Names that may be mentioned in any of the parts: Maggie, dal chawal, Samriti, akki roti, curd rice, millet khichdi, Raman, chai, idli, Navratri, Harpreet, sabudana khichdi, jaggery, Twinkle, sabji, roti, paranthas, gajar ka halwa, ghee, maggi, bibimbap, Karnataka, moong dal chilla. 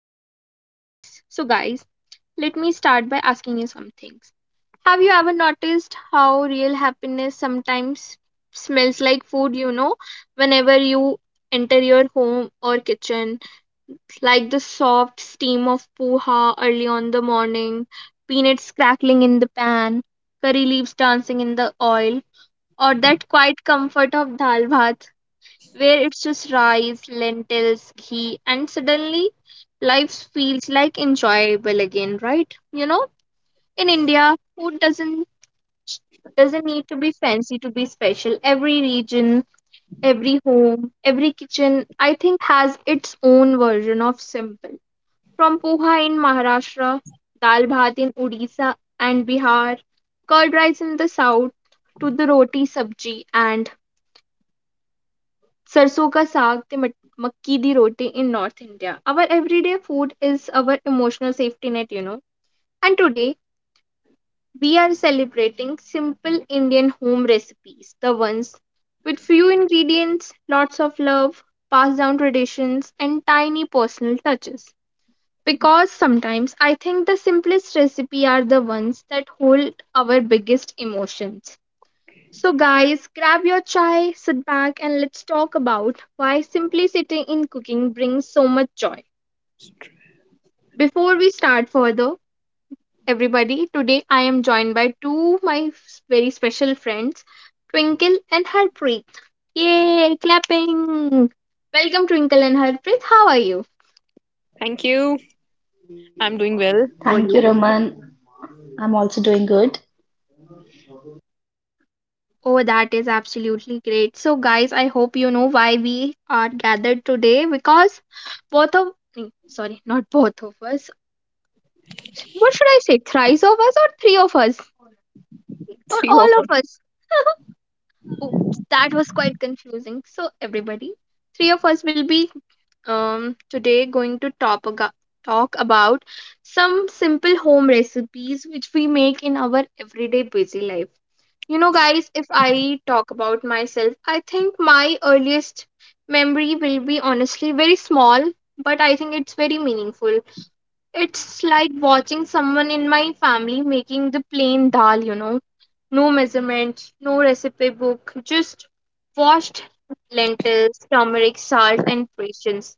the podcast. So, guys, let me start by asking you some things. Have you ever noticed how real happiness sometimes smells like food? You know, whenever you enter your home or kitchen, like the soft steam of poha early on the morning, peanuts crackling in the pan, curry leaves dancing in the oil, or that quiet comfort of dal bhat, where it's just rice, lentils, ghee, and suddenly life feels like enjoyable again, right? You know, in India, food doesn't need to be fancy to be special. Every region, every home, every kitchen, I think has its own version of simple. From poha in Maharashtra, dal bhat in Odisha and Bihar, curd rice in the south, to the roti sabji and sarson ka saag te makki di roti in north India. Our everyday food is our emotional safety net. And today, we are celebrating simple Indian home recipes, the ones with few ingredients, lots of love, passed down traditions, and tiny personal touches, because sometimes I think the simplest recipe are the ones that hold our biggest emotions. So, guys, grab your chai, sit back, and let's talk about why simplicity in cooking brings so much joy. Before we start further, everybody, today I am joined by two of my very special friends, Twinkle and Harpreet. Yay, clapping! Welcome, Twinkle and Harpreet. How are you? Thank you. I'm doing well. How are Thank you? you, Raman. I'm also doing good. Oh, that is absolutely great. So, guys, I hope you know why we are gathered today, because both of sorry, not both of us. What should I say? Thrice of us or three of us? Or Three of all of us? Oops, that was quite confusing. So, everybody, three of us will be today going to talk, talk about some simple home recipes which we make in our everyday busy life. You know, guys, if I talk about myself, I think my earliest memory will be honestly very small, but I think it's very meaningful. It's like watching someone in my family making the plain dal. No measurements, no recipe book, just washed lentils, turmeric, salt, and patience.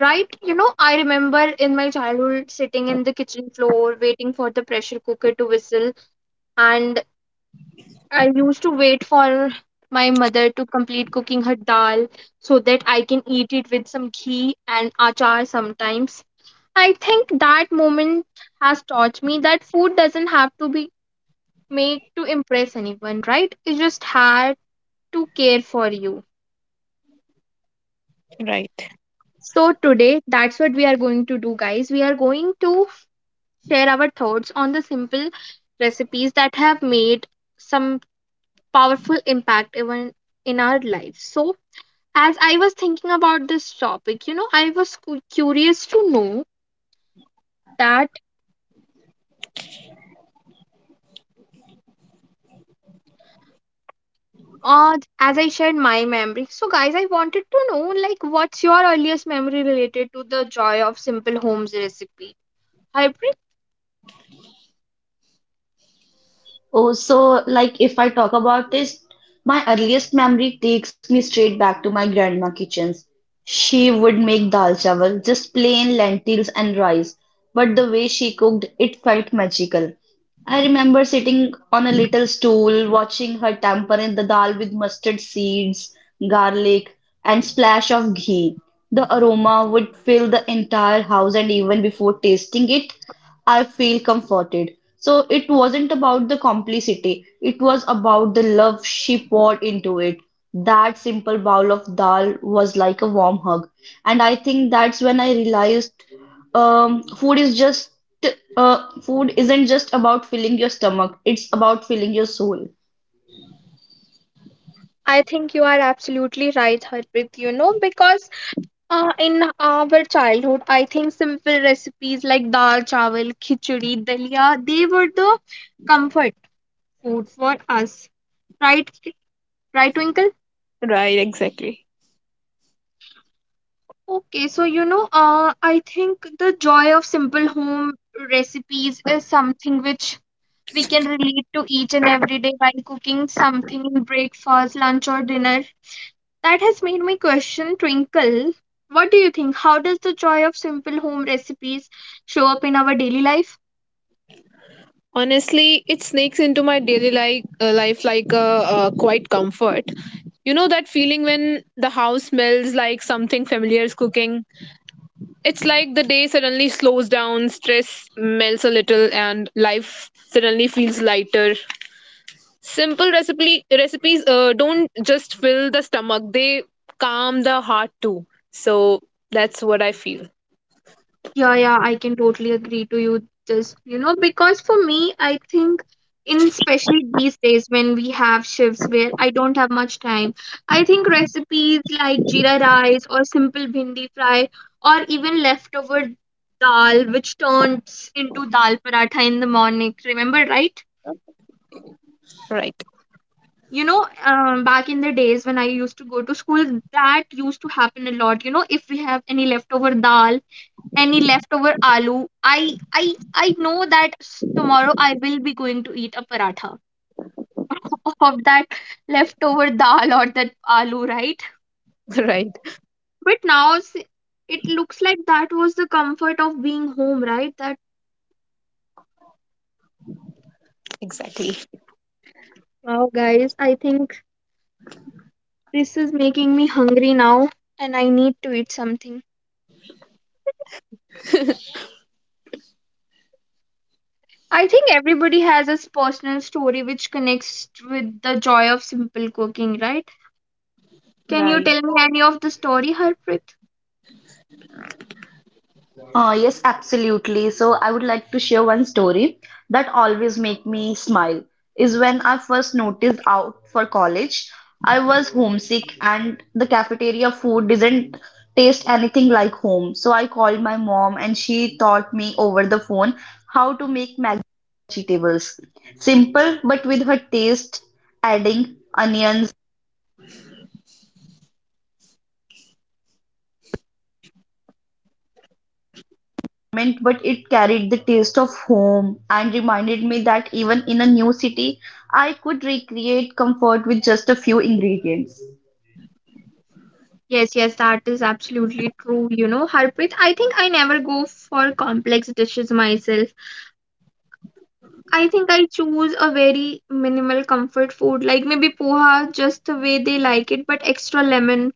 Right? You know, I remember in my childhood sitting in the kitchen floor waiting for the pressure cooker to whistle, and I used to wait for my mother to complete cooking her dal so that I can eat it with some ghee and achar sometimes. I think that moment has taught me that food doesn't have to be made to impress anyone, right? It just had to care for you. right. So, today, that's what we are going to do, guys. We are going to share our thoughts on the simple recipes that have made some powerful impact even in our lives. So, as I was thinking about this topic, you know, I was curious to know that as I shared my memory, so guys, I wanted to know like what's your earliest memory related to the joy of simple homes recipe? Harpreet, Oh, so like if I talk about this, my earliest memory takes me straight back to my grandma kitchens. She would make dal chawal, just plain lentils and rice, but the way she cooked, it felt magical. I remember sitting on a little stool, watching her temper in the dal with mustard seeds, garlic, and splash of ghee. The aroma would fill the entire house, and even before tasting it, I feel comforted. So it wasn't about the complicity, it was about the love she poured into it. That simple bowl of dal was like a warm hug. And I think that's when I realized um, food is just food isn't just about filling your stomach, it's about filling your soul. I think you are absolutely right, Harpreet. You know, because in our childhood, I think simple recipes like dal chawal, khichdi, dalia, they were the comfort food for us, right? Right, Twinkle? Right, exactly. Okay, so you know, I think the joy of simple home recipes is something which we can relate to each and every day while cooking something in breakfast, lunch, or dinner. That has made my question, Twinkle. What do you think? How does the joy of simple home recipes show up in our daily life? Honestly, it sneaks into my daily life like a quite comfort. You know that feeling when the house smells like something familiar is cooking. It's like the day suddenly slows down, stress melts a little, and life suddenly feels lighter. Simple recipes don't just fill the stomach; they calm the heart too. So that's what I feel. Yeah, yeah, I can totally agree to you this, you know, because for me, I think in especially these days when we have shifts where I don't have much time, I think recipes like jeera rice or simple bhindi fry, or even leftover dal which turns into dal paratha in the morning. Remember, right? Right, You know, back in the days when I used to go to school, that used to happen a lot. You know, if we have any leftover dal, any leftover aloo, i i I know that tomorrow I will be going to eat a paratha of that leftover dal or that aloo, right? right. But now it looks like that was the comfort of being home, right? That, Exactly. wow, guys, I think this is making me hungry now, and I need to eat something. I think everybody has a personal story which connects with the joy of simple cooking, right? Can you Right. tell me any of the story, Harpreet? Yes, absolutely. So I would like to share one story that always make me smile is when I first noticed out for college. I was homesick and the cafeteria food didn't taste anything like home. So I called my mom and she taught me over the phone how to make maggi vegetables. Simple but with her taste adding onions environment, but it carried the taste of home and reminded me that even in a new city, I could recreate comfort with just a few ingredients. Yes, yes, that is absolutely true. You know, Harpreet, I think I never go for complex dishes myself. I think I choose a very minimal comfort food, like maybe poha, just the way they like it, but extra lemon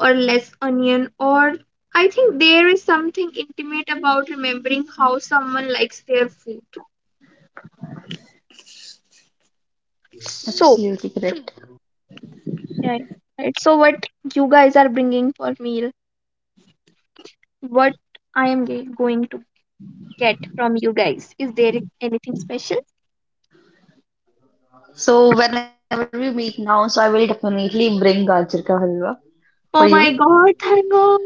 or less onion. Or, I think there is something intimate about remembering how someone likes their food. So, Absolutely correct. yeah, right. So, what you guys are bringing for meal, what I am going to get from you guys, is there anything special? So whenever we meet now, so I will definitely bring gajar ka halwa for you. Oh my god, thank god.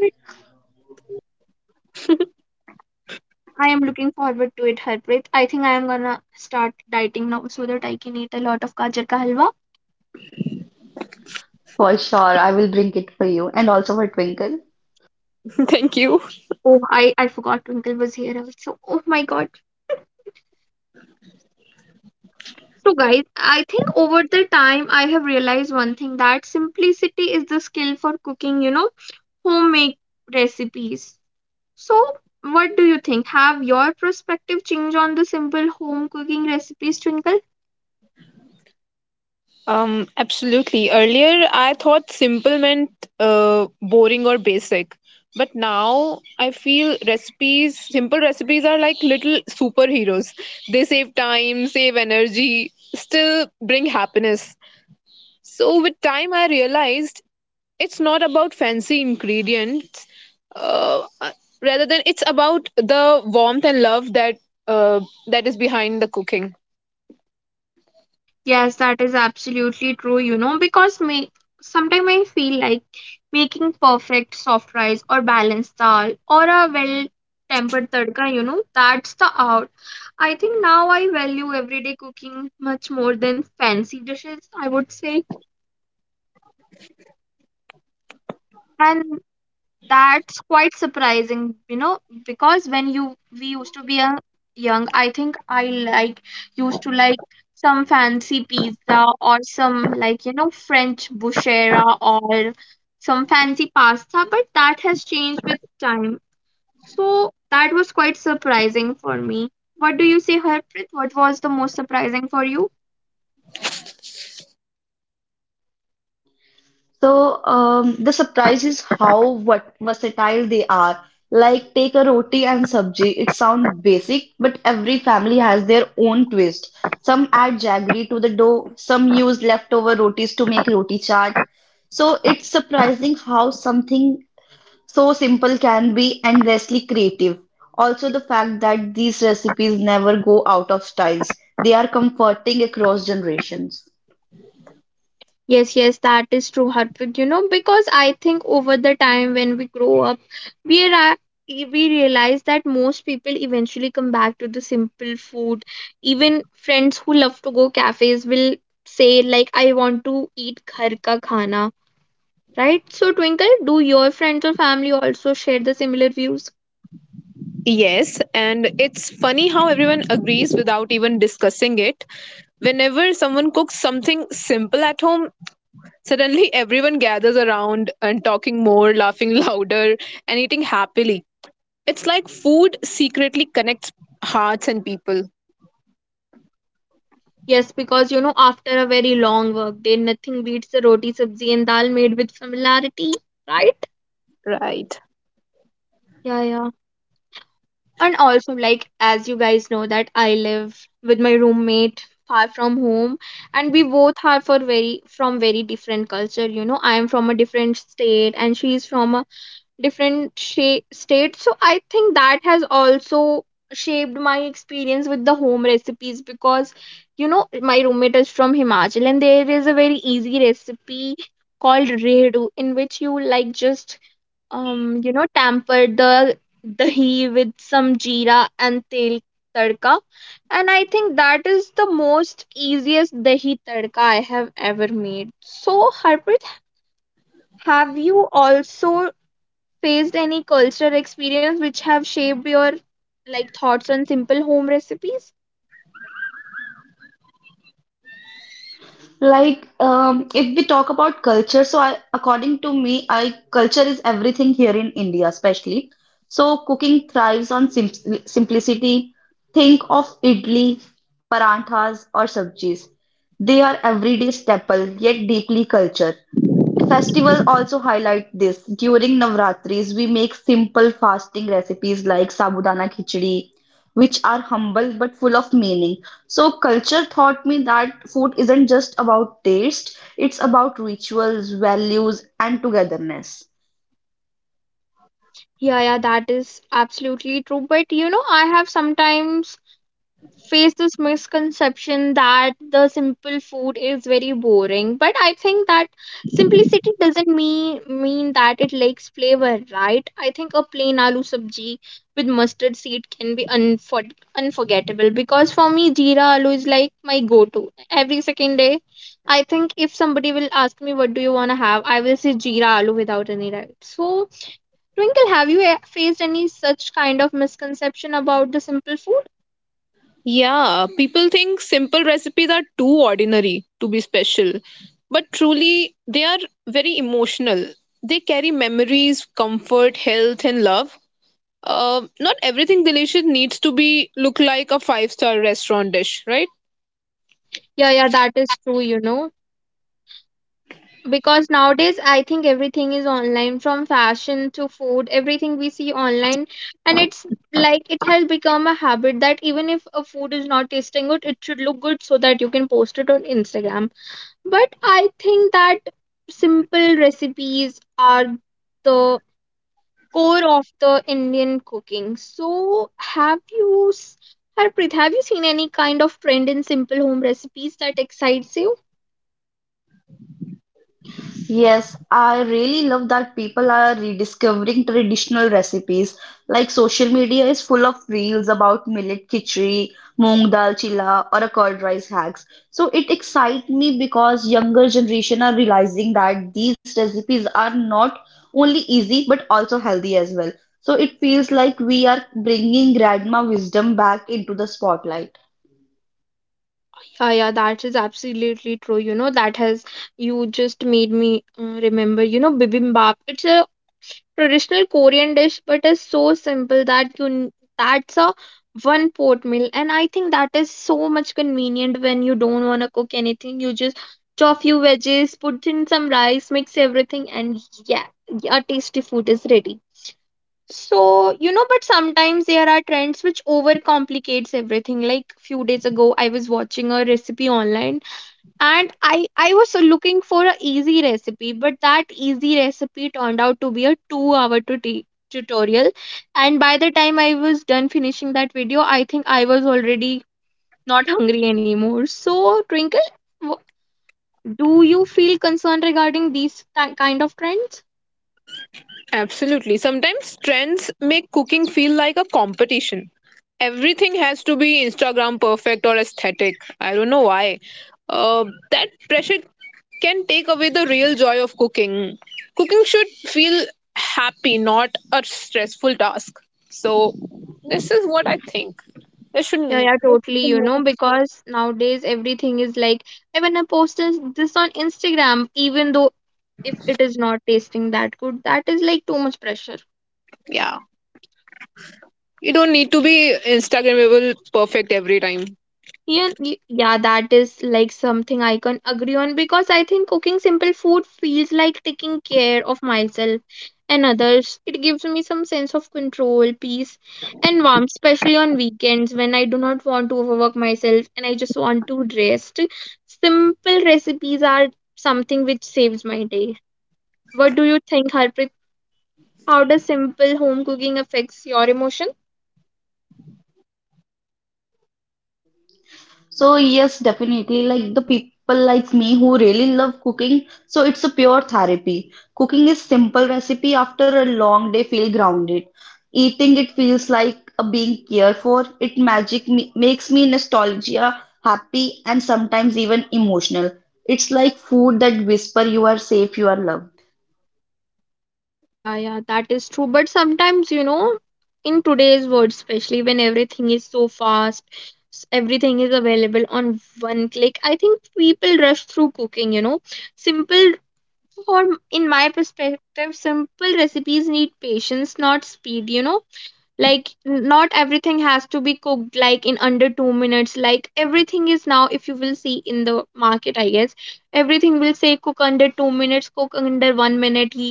I am looking forward to it, Harpreet. I think I am gonna start dieting now so that I can eat a lot of gajar ka halwa. For sure, I will bring it for you and also for Twinkle. Thank you. Oh, I forgot Twinkle was here also. Oh my god. So, guys, I think over the time I have realized one thing, that simplicity is the skill for cooking, you know, homemade recipes. So, what do you think? Have your perspective changed on the simple home cooking recipes, Twinkle? Absolutely. Earlier, I thought simple meant boring or basic. But now I feel simple recipes are like little superheroes. They save time, save energy, still bring happiness. So with time, I realized it's not about fancy ingredients. Uh, uh, Rather than it's about the warmth and love uh, that is behind the cooking. Yes, that is absolutely true, you know, because me sometimes I feel like making perfect soft rice or balanced dal or a well tempered tadka, you know, that's the art. I think now I value everyday cooking much more than fancy dishes, I would say. And that's quite surprising, you know, because when you we used to be a young, I think I used to like some fancy pizza or some like you know French buchera or some fancy pasta, but that has changed with time. So that was quite surprising for me. What do you say, Harpreet? What was the most surprising for you? So the surprise is how what versatile they are. Like take a roti and sabji. It sounds basic, but every family has their own twist. Some add jaggery to the dough. Some use leftover rotis to make roti chaat. So it's surprising how something so simple can be endlessly creative. Also, the fact that these recipes never go out of styles. They are comforting across generations. Yes, yes, that is true, Harpreet. You know, because I think over the time when we grow up, we are we realize that most people eventually come back to the simple food. Even friends who love to go cafes will say like, "I want to eat ghar ka khana," right? So, Twinkle, do your friends or family also share the similar views? Yes, and it's funny how everyone agrees without even discussing it. Whenever someone cooks something simple at home, suddenly everyone gathers around and talking more, laughing louder, and eating happily. It's like food secretly connects hearts and people. Yes, because you know, after a very long work day, nothing beats the roti sabzi and dal made with familiarity, right? Right. Yeah, yeah. And also, like, as you guys know that I live with my roommate far from home, and we both are for very from very different culture. You know, I am from a different state and she is from a different state. So I think that has also shaped my experience with the home recipes, because you know my roommate is from Himachal, and there is a very easy recipe called redu, in which you like just tampered the dahi with some jeera and tel tadka. And I think that is the most easiest dahi tadka I have ever made. So, Harpreet, have you also faced any cultural experience which have shaped your like thoughts on simple home recipes? Like, if we talk about culture, so I, according to me, I culture is everything here in India, especially. So cooking thrives on simplicity. Think of idli, paranthas, or sabjis. They are everyday staple, yet deeply culture. Festival also highlight this. During Navratris, we make simple fasting recipes like sabudana khichdi, which are humble but full of meaning. So culture taught me that food isn't just about taste, it's about rituals, values, and togetherness. Yeah, yeah, that is absolutely true, but you know I have sometimes face this misconception that the simple food is very boring, but I think that simplicity doesn't mean that it lacks flavor, right? I think a plain aloo sabji with mustard seed can be unforgettable, because for me jeera aloo is like my go to every second day. I think if somebody will ask me what do you want to have, I will say jeera aloo without any doubt. So, Twinkle, have you faced any such kind of misconception about the simple food? Yeah, people think simple recipes are too ordinary to be special, but truly, they are very emotional. They carry memories, comfort, health, and love. Not everything delicious needs to be look like a five-star restaurant dish, right? Yeah, yeah, that is true, you know. Because nowadays, I think everything is online, from fashion to food, everything we see online. And it's like it has become a habit that even if a food is not tasting good, it should look good so that you can post it on Instagram. But I think that simple recipes are the core of the Indian cooking. So, have you, Harpreet, have you seen any kind of trend in simple home recipes that excites you? Yes, I really love that people are rediscovering traditional recipes. Like social media is full of reels about millet khichdi, moong dal chilla, or a curd rice hacks. So it excites me because younger generation are realizing that these recipes are not only easy but also healthy as well. So it feels like we are bringing grandma wisdom back into the spotlight. Ah, yeah, that is absolutely true. You know, that has you just made me remember. You know, bibimbap. It's a traditional Korean dish, but it's so simple that's a one pot meal, and I think that is so much convenient when you don't want to cook anything. You just chop few veggies, put in some rice, mix everything, and yeah, a tasty food is ready. So, you know, but sometimes there are trends which overcomplicates everything. Like few days ago, I was watching a recipe online, and I was looking for a easy recipe, but that easy recipe turned out to be a 2 hour tutorial. And by the time I was done finishing that video, I think I was already not hungry anymore. So Twinkle, wh- do you feel concerned regarding these kind of trends? Absolutely. Sometimes trends make cooking feel like a competition. Everything has to be Instagram perfect or aesthetic. I don't know why. Uh, that pressure can take away the real joy of cooking. Cooking should feel happy, not a stressful task. So, this is what I think. Yeah, yeah, There should totally, be you no. know, because nowadays everything is like, even I posted this on Instagram, even though if it is not tasting that good, that is like too much pressure. Yeah. You don't need to be Instagrammable perfect every time. Yeah, yeah, that is like something I can agree on, because I think cooking simple food feels like taking care of myself and others. It gives me some sense of control, peace, and warmth, especially on weekends when I do not want to overwork myself and I just want to rest. Simple recipes are something which saves my day. What do you think, Harpreet? How does simple home cooking affects your emotion? So yes, definitely. Like the people like me who really love cooking, so it's a pure therapy. Cooking is simple recipe after a long day feel grounded. Eating it feels like a being cared for. It magic me makes me nostalgia, happy, and sometimes even emotional. It's like food that whisper you are safe, you are loved. Yeah, yeah, that is true. But sometimes, you know, in today's world, especially when everything is so fast, everything is available on one click, I think people rush through cooking, you know. Simple, for in my perspective, simple recipes need patience, not speed, you know. Like not everything has to be cooked like in under 2 minutes, like everything is now. If you will see in the market, I guess everything will say cook under 2 minutes, cook under 1 minute, he,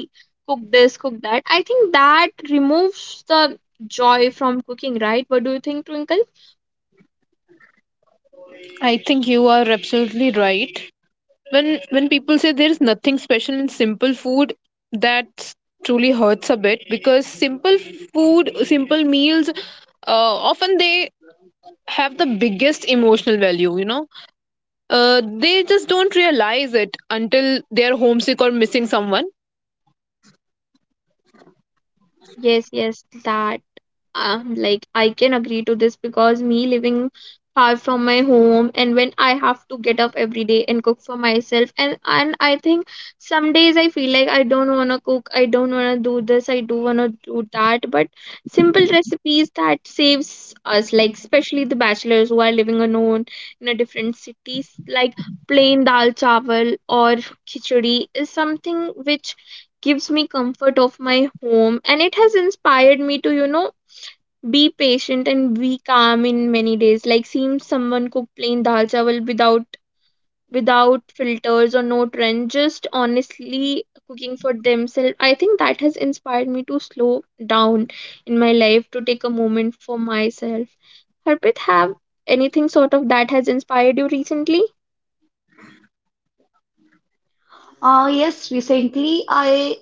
cook this, cook that. I think that removes the joy from cooking, right? What do you think, Twinkle? I think you are absolutely right. When people say there is nothing special in simple food, that truly hurts a bit because simple meals, often they have the biggest emotional value. You know, they just don't realize it until they are homesick or missing someone. Yes, yes, that, like I can agree to this, because me living far from my home, and when I have to get up every day and cook for myself, and I think some days I feel like I don't want to cook, I don't want to do this, I do want to do that. But simple recipes that saves us, like especially the bachelors who are living alone in a different cities, like plain dal chawal or khichdi is something which gives me comfort of my home, and it has inspired me to, you know, be patient and be calm in many days. Like seems someone cook plain dal chawal without filters or no trend, just honestly cooking for themselves. I think that has inspired me to slow down in my life, to take a moment for myself. Harpit, have anything sort of that has inspired you recently? Ah, yes, recently I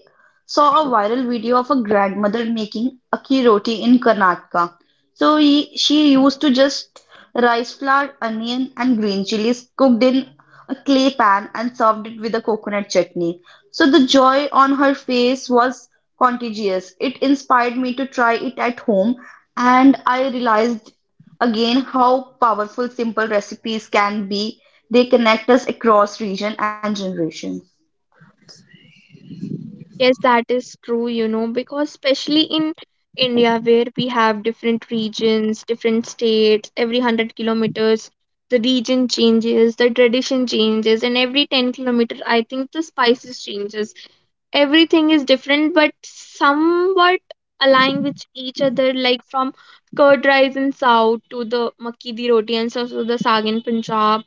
saw a viral video of a grandmother making akki roti in Karnataka. So he, she used to just rice flour, onion, and green chilies cooked in a clay pan and served it with a coconut chutney. So the joy on her face was contagious. It inspired me to try it at home, and I realized again how powerful simple recipes can be. They connect us across region and generation. Yes, that is true, you know, because especially in India, where we have different regions, different states, every 100 kilometers, the region changes, the tradition changes, and every 10 kilometers, I think the spices changes. Everything is different, but somewhat align with each other, like from curd rice in South to the makki di roti and also the saag in Punjab,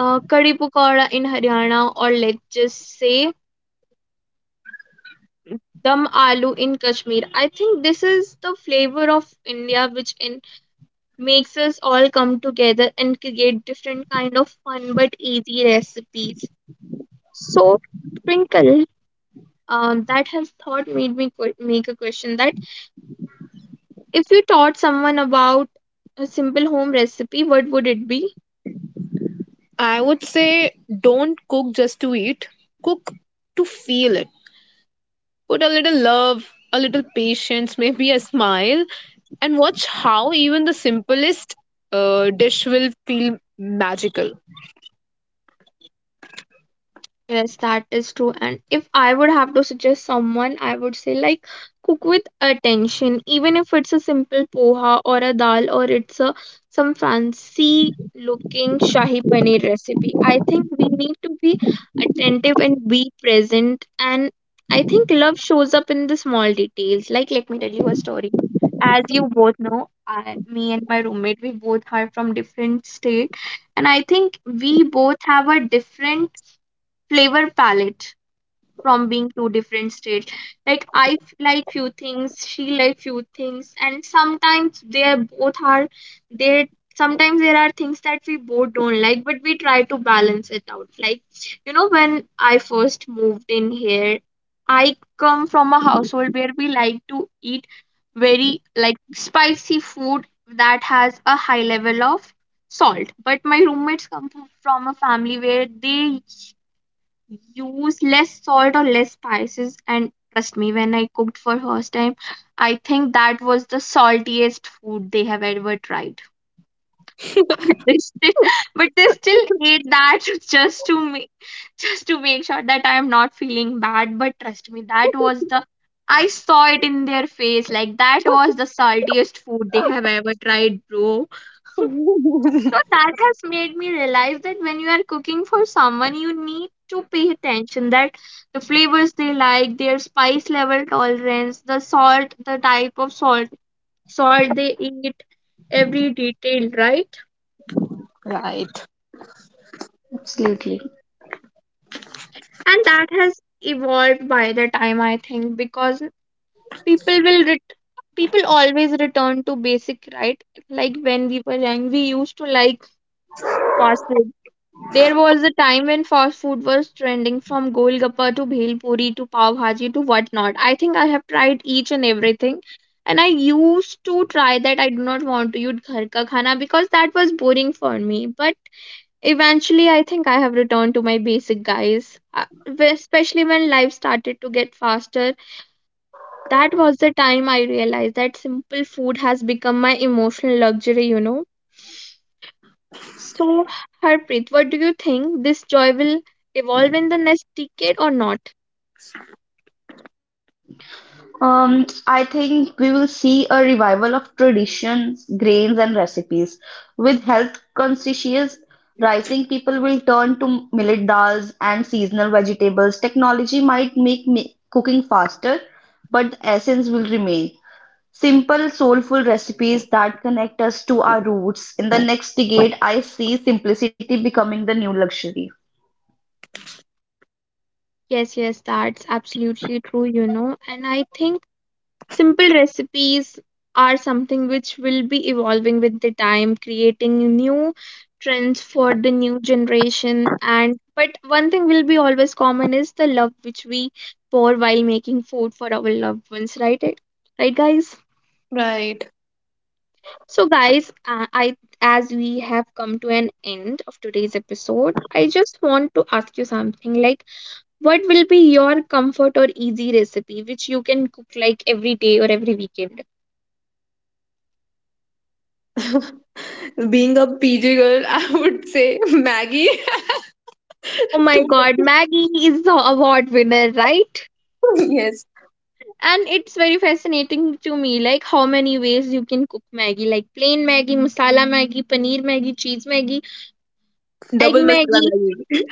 kadi pakoda in Haryana, or let's just say Dum aloo in Kashmir. I think this is the flavor of India, which in, makes us all come together and create different kind of fun but easy recipes. So, Sprinkle, that has thought made me make a question that if you taught someone about a simple home recipe, what would it be? I would say don't cook just to eat. Cook to feel it. Put a little love, a little patience, maybe a smile, and watch how even the simplest dish will feel magical. Yes, that is true. And if I would have to suggest someone, I would say like cook with attention, even if it's a simple poha or a dal, or it's a some fancy looking shahi paneer recipe. I think we need to be attentive and be present. And I think love shows up in the small details. Like let me tell you a story. As you both know, I, me and my roommate, we both are from different state, and I think we both have a different flavor palette from being two different states. Like I like few things, she like few things, and sometimes they sometimes there are things that we both don't like, but we try to balance it out. Like, you know, when I first moved in here, I come from a household where we like to eat very like spicy food that has a high level of salt. But my roommates come from a family where they use less salt or less spices, and trust me, when I cooked for first time, I think that was the saltiest food they have ever tried. They still, but they still ate that just to make just to make sure that I am not feeling bad. But trust me, that was the, I saw it in their face, like that was the saltiest food they have ever tried, bro. So that has made me realize that when you are cooking for someone, you need to pay attention that the flavors they like, their spice level tolerance, the salt, the type of salt, salt they eat, every detail, right? Right. Absolutely. And that has evolved by the time, I think, because people will ret- people always return to basic, right? Like when we were young, we used to like fast food. There was a time when fast food was trending, from golgappa to bhel puri to pav bhaji to whatnot. I think I have tried each and everything. And I used to try that I do not want to eat ghar ka khana because that was boring for me. But eventually, I think I have returned to my basic, guys. Especially when life started to get faster, that was the time I realized that simple food has become my emotional luxury, you know. So, Harpreet, what do you think? This joy will evolve in the next decade or not? I think we will see a revival of traditions, grains, and recipes. With health conscious rising, people will turn to millet dals and seasonal vegetables. Technology might make cooking faster, but the essence will remain. Simple, soulful recipes that connect us to our roots. In the next decade, I see simplicity becoming the new luxury. Yes, yes, that's absolutely true, you know. And I think simple recipes are something which will be evolving with the time, creating new trends for the new generation. And but one thing will be always common is the love which we pour while making food for our loved ones, right? Right, guys? Right. So, guys, I, as we have come to an end of today's episode, I just want to ask you something like, what will be your comfort or easy recipe which you can cook like every day or every weekend? Being a PG girl, I would say Maggie. Oh my Two, God, Maggie is the award winner, right? yes, And it's very fascinating to me, like how many ways you can cook Maggie, like plain Maggie, masala Maggie, paneer Maggie, cheese Maggie, egg double masala Maggie, Maggie.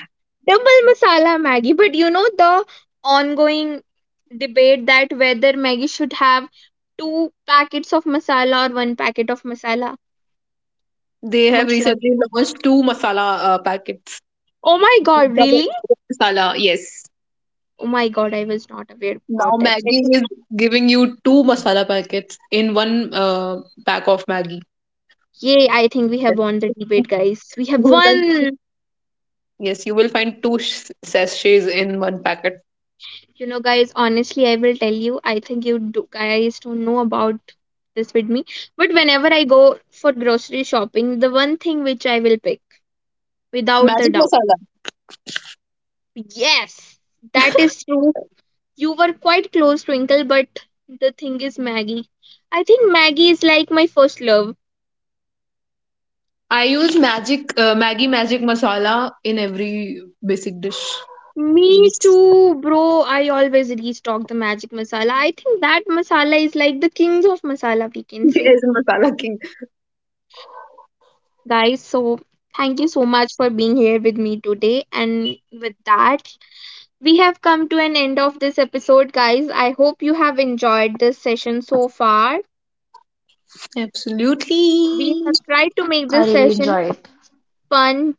double masala Maggie. But you know the ongoing debate, that whether Maggie should have two packets of masala or one packet of masala. They have What's your? recently launched two masala packets. Oh my God! Really? Double masala, yes. Oh my God! I was not aware Now about that. I Maggie think, is giving you two masala packets in one pack of Maggie. yay! I think we have won the debate, guys. We have won. Yes, you will find two sachets in one packet. You know, guys, honestly, I will tell you, I think you do, guys don't know about this with me. But whenever I go for grocery shopping, the one thing which I will pick without a Magic doubt. masala. Yes, that is true. You were quite close, Twinkle, but the thing is Maggie. I think Maggie is like my first love. I use magic Maggi magic masala in every basic dish. Me Yes. too, bro. I always restock the magic masala. I think that masala is like the kings of masala, we can He say. is a masala king. Guys, so thank you so much for being here with me today. And with that, we have come to an end of this episode, guys. I hope you have enjoyed this session so far. We Absolutely. have tried to make I this really session enjoy it. fun,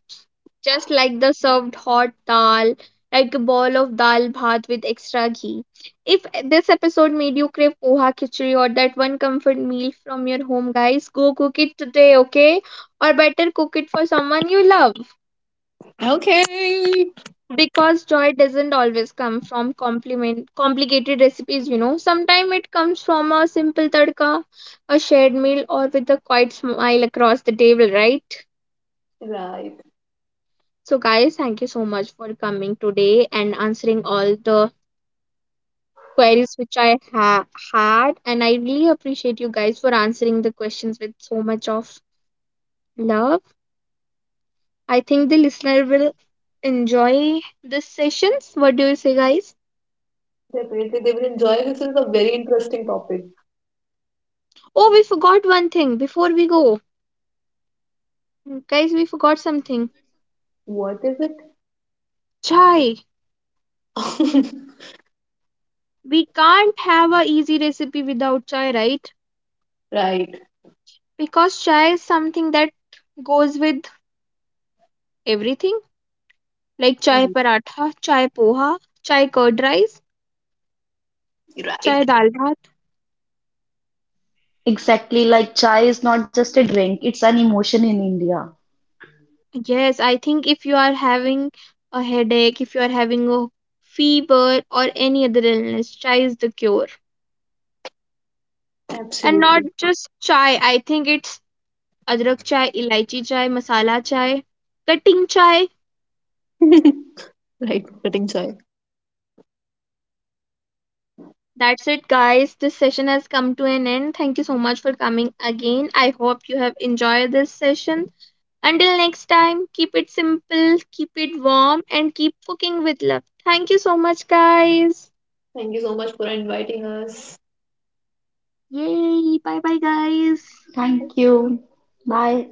just like the served hot dal, like a bowl of dal bhat with extra ghee. If this episode made you crave poha khichdi or that one comfort meal from your home, guys, go cook it today, okay? Or better, cook it for someone you love. Okay. Because joy doesn't always come from compliment, complicated recipes, you know. Sometimes it comes from a simple tadka, a shared meal, or with a quiet smile across the table, right? Right. So, guys, thank you so much for coming today and answering all the queries which had. And I really appreciate you guys for answering the questions with so much of love. I think the listener will enjoy these sessions. What do you say, guys? Definitely, they will enjoy. This is a very interesting topic. Oh, we forgot one thing before we go. Guys, we forgot something. What is Chai. it? We can't have a easy recipe without chai, right? right. Because chai is something that goes with everything, like chai paratha, chai poha, chai curd rice, Right. chai dal bhat. Exactly, like chai is not just a drink, it's an emotion in India. Yes, I think if you are having a headache, if you are having a fever or any other illness, chai is the cure. And not Absolutely. just chai, I think it's adrak chai, elaichi chai, masala chai, cutting chai. right. Getting joy. That's it, guys. This session has come to an end. Thank you so much for coming again. I hope you have enjoyed this session. Until next time, keep it simple, keep it warm, and keep cooking with love. Thank you so much, guys. Thank you so much for inviting us. Yay! Bye bye, guys. Thank you. Bye.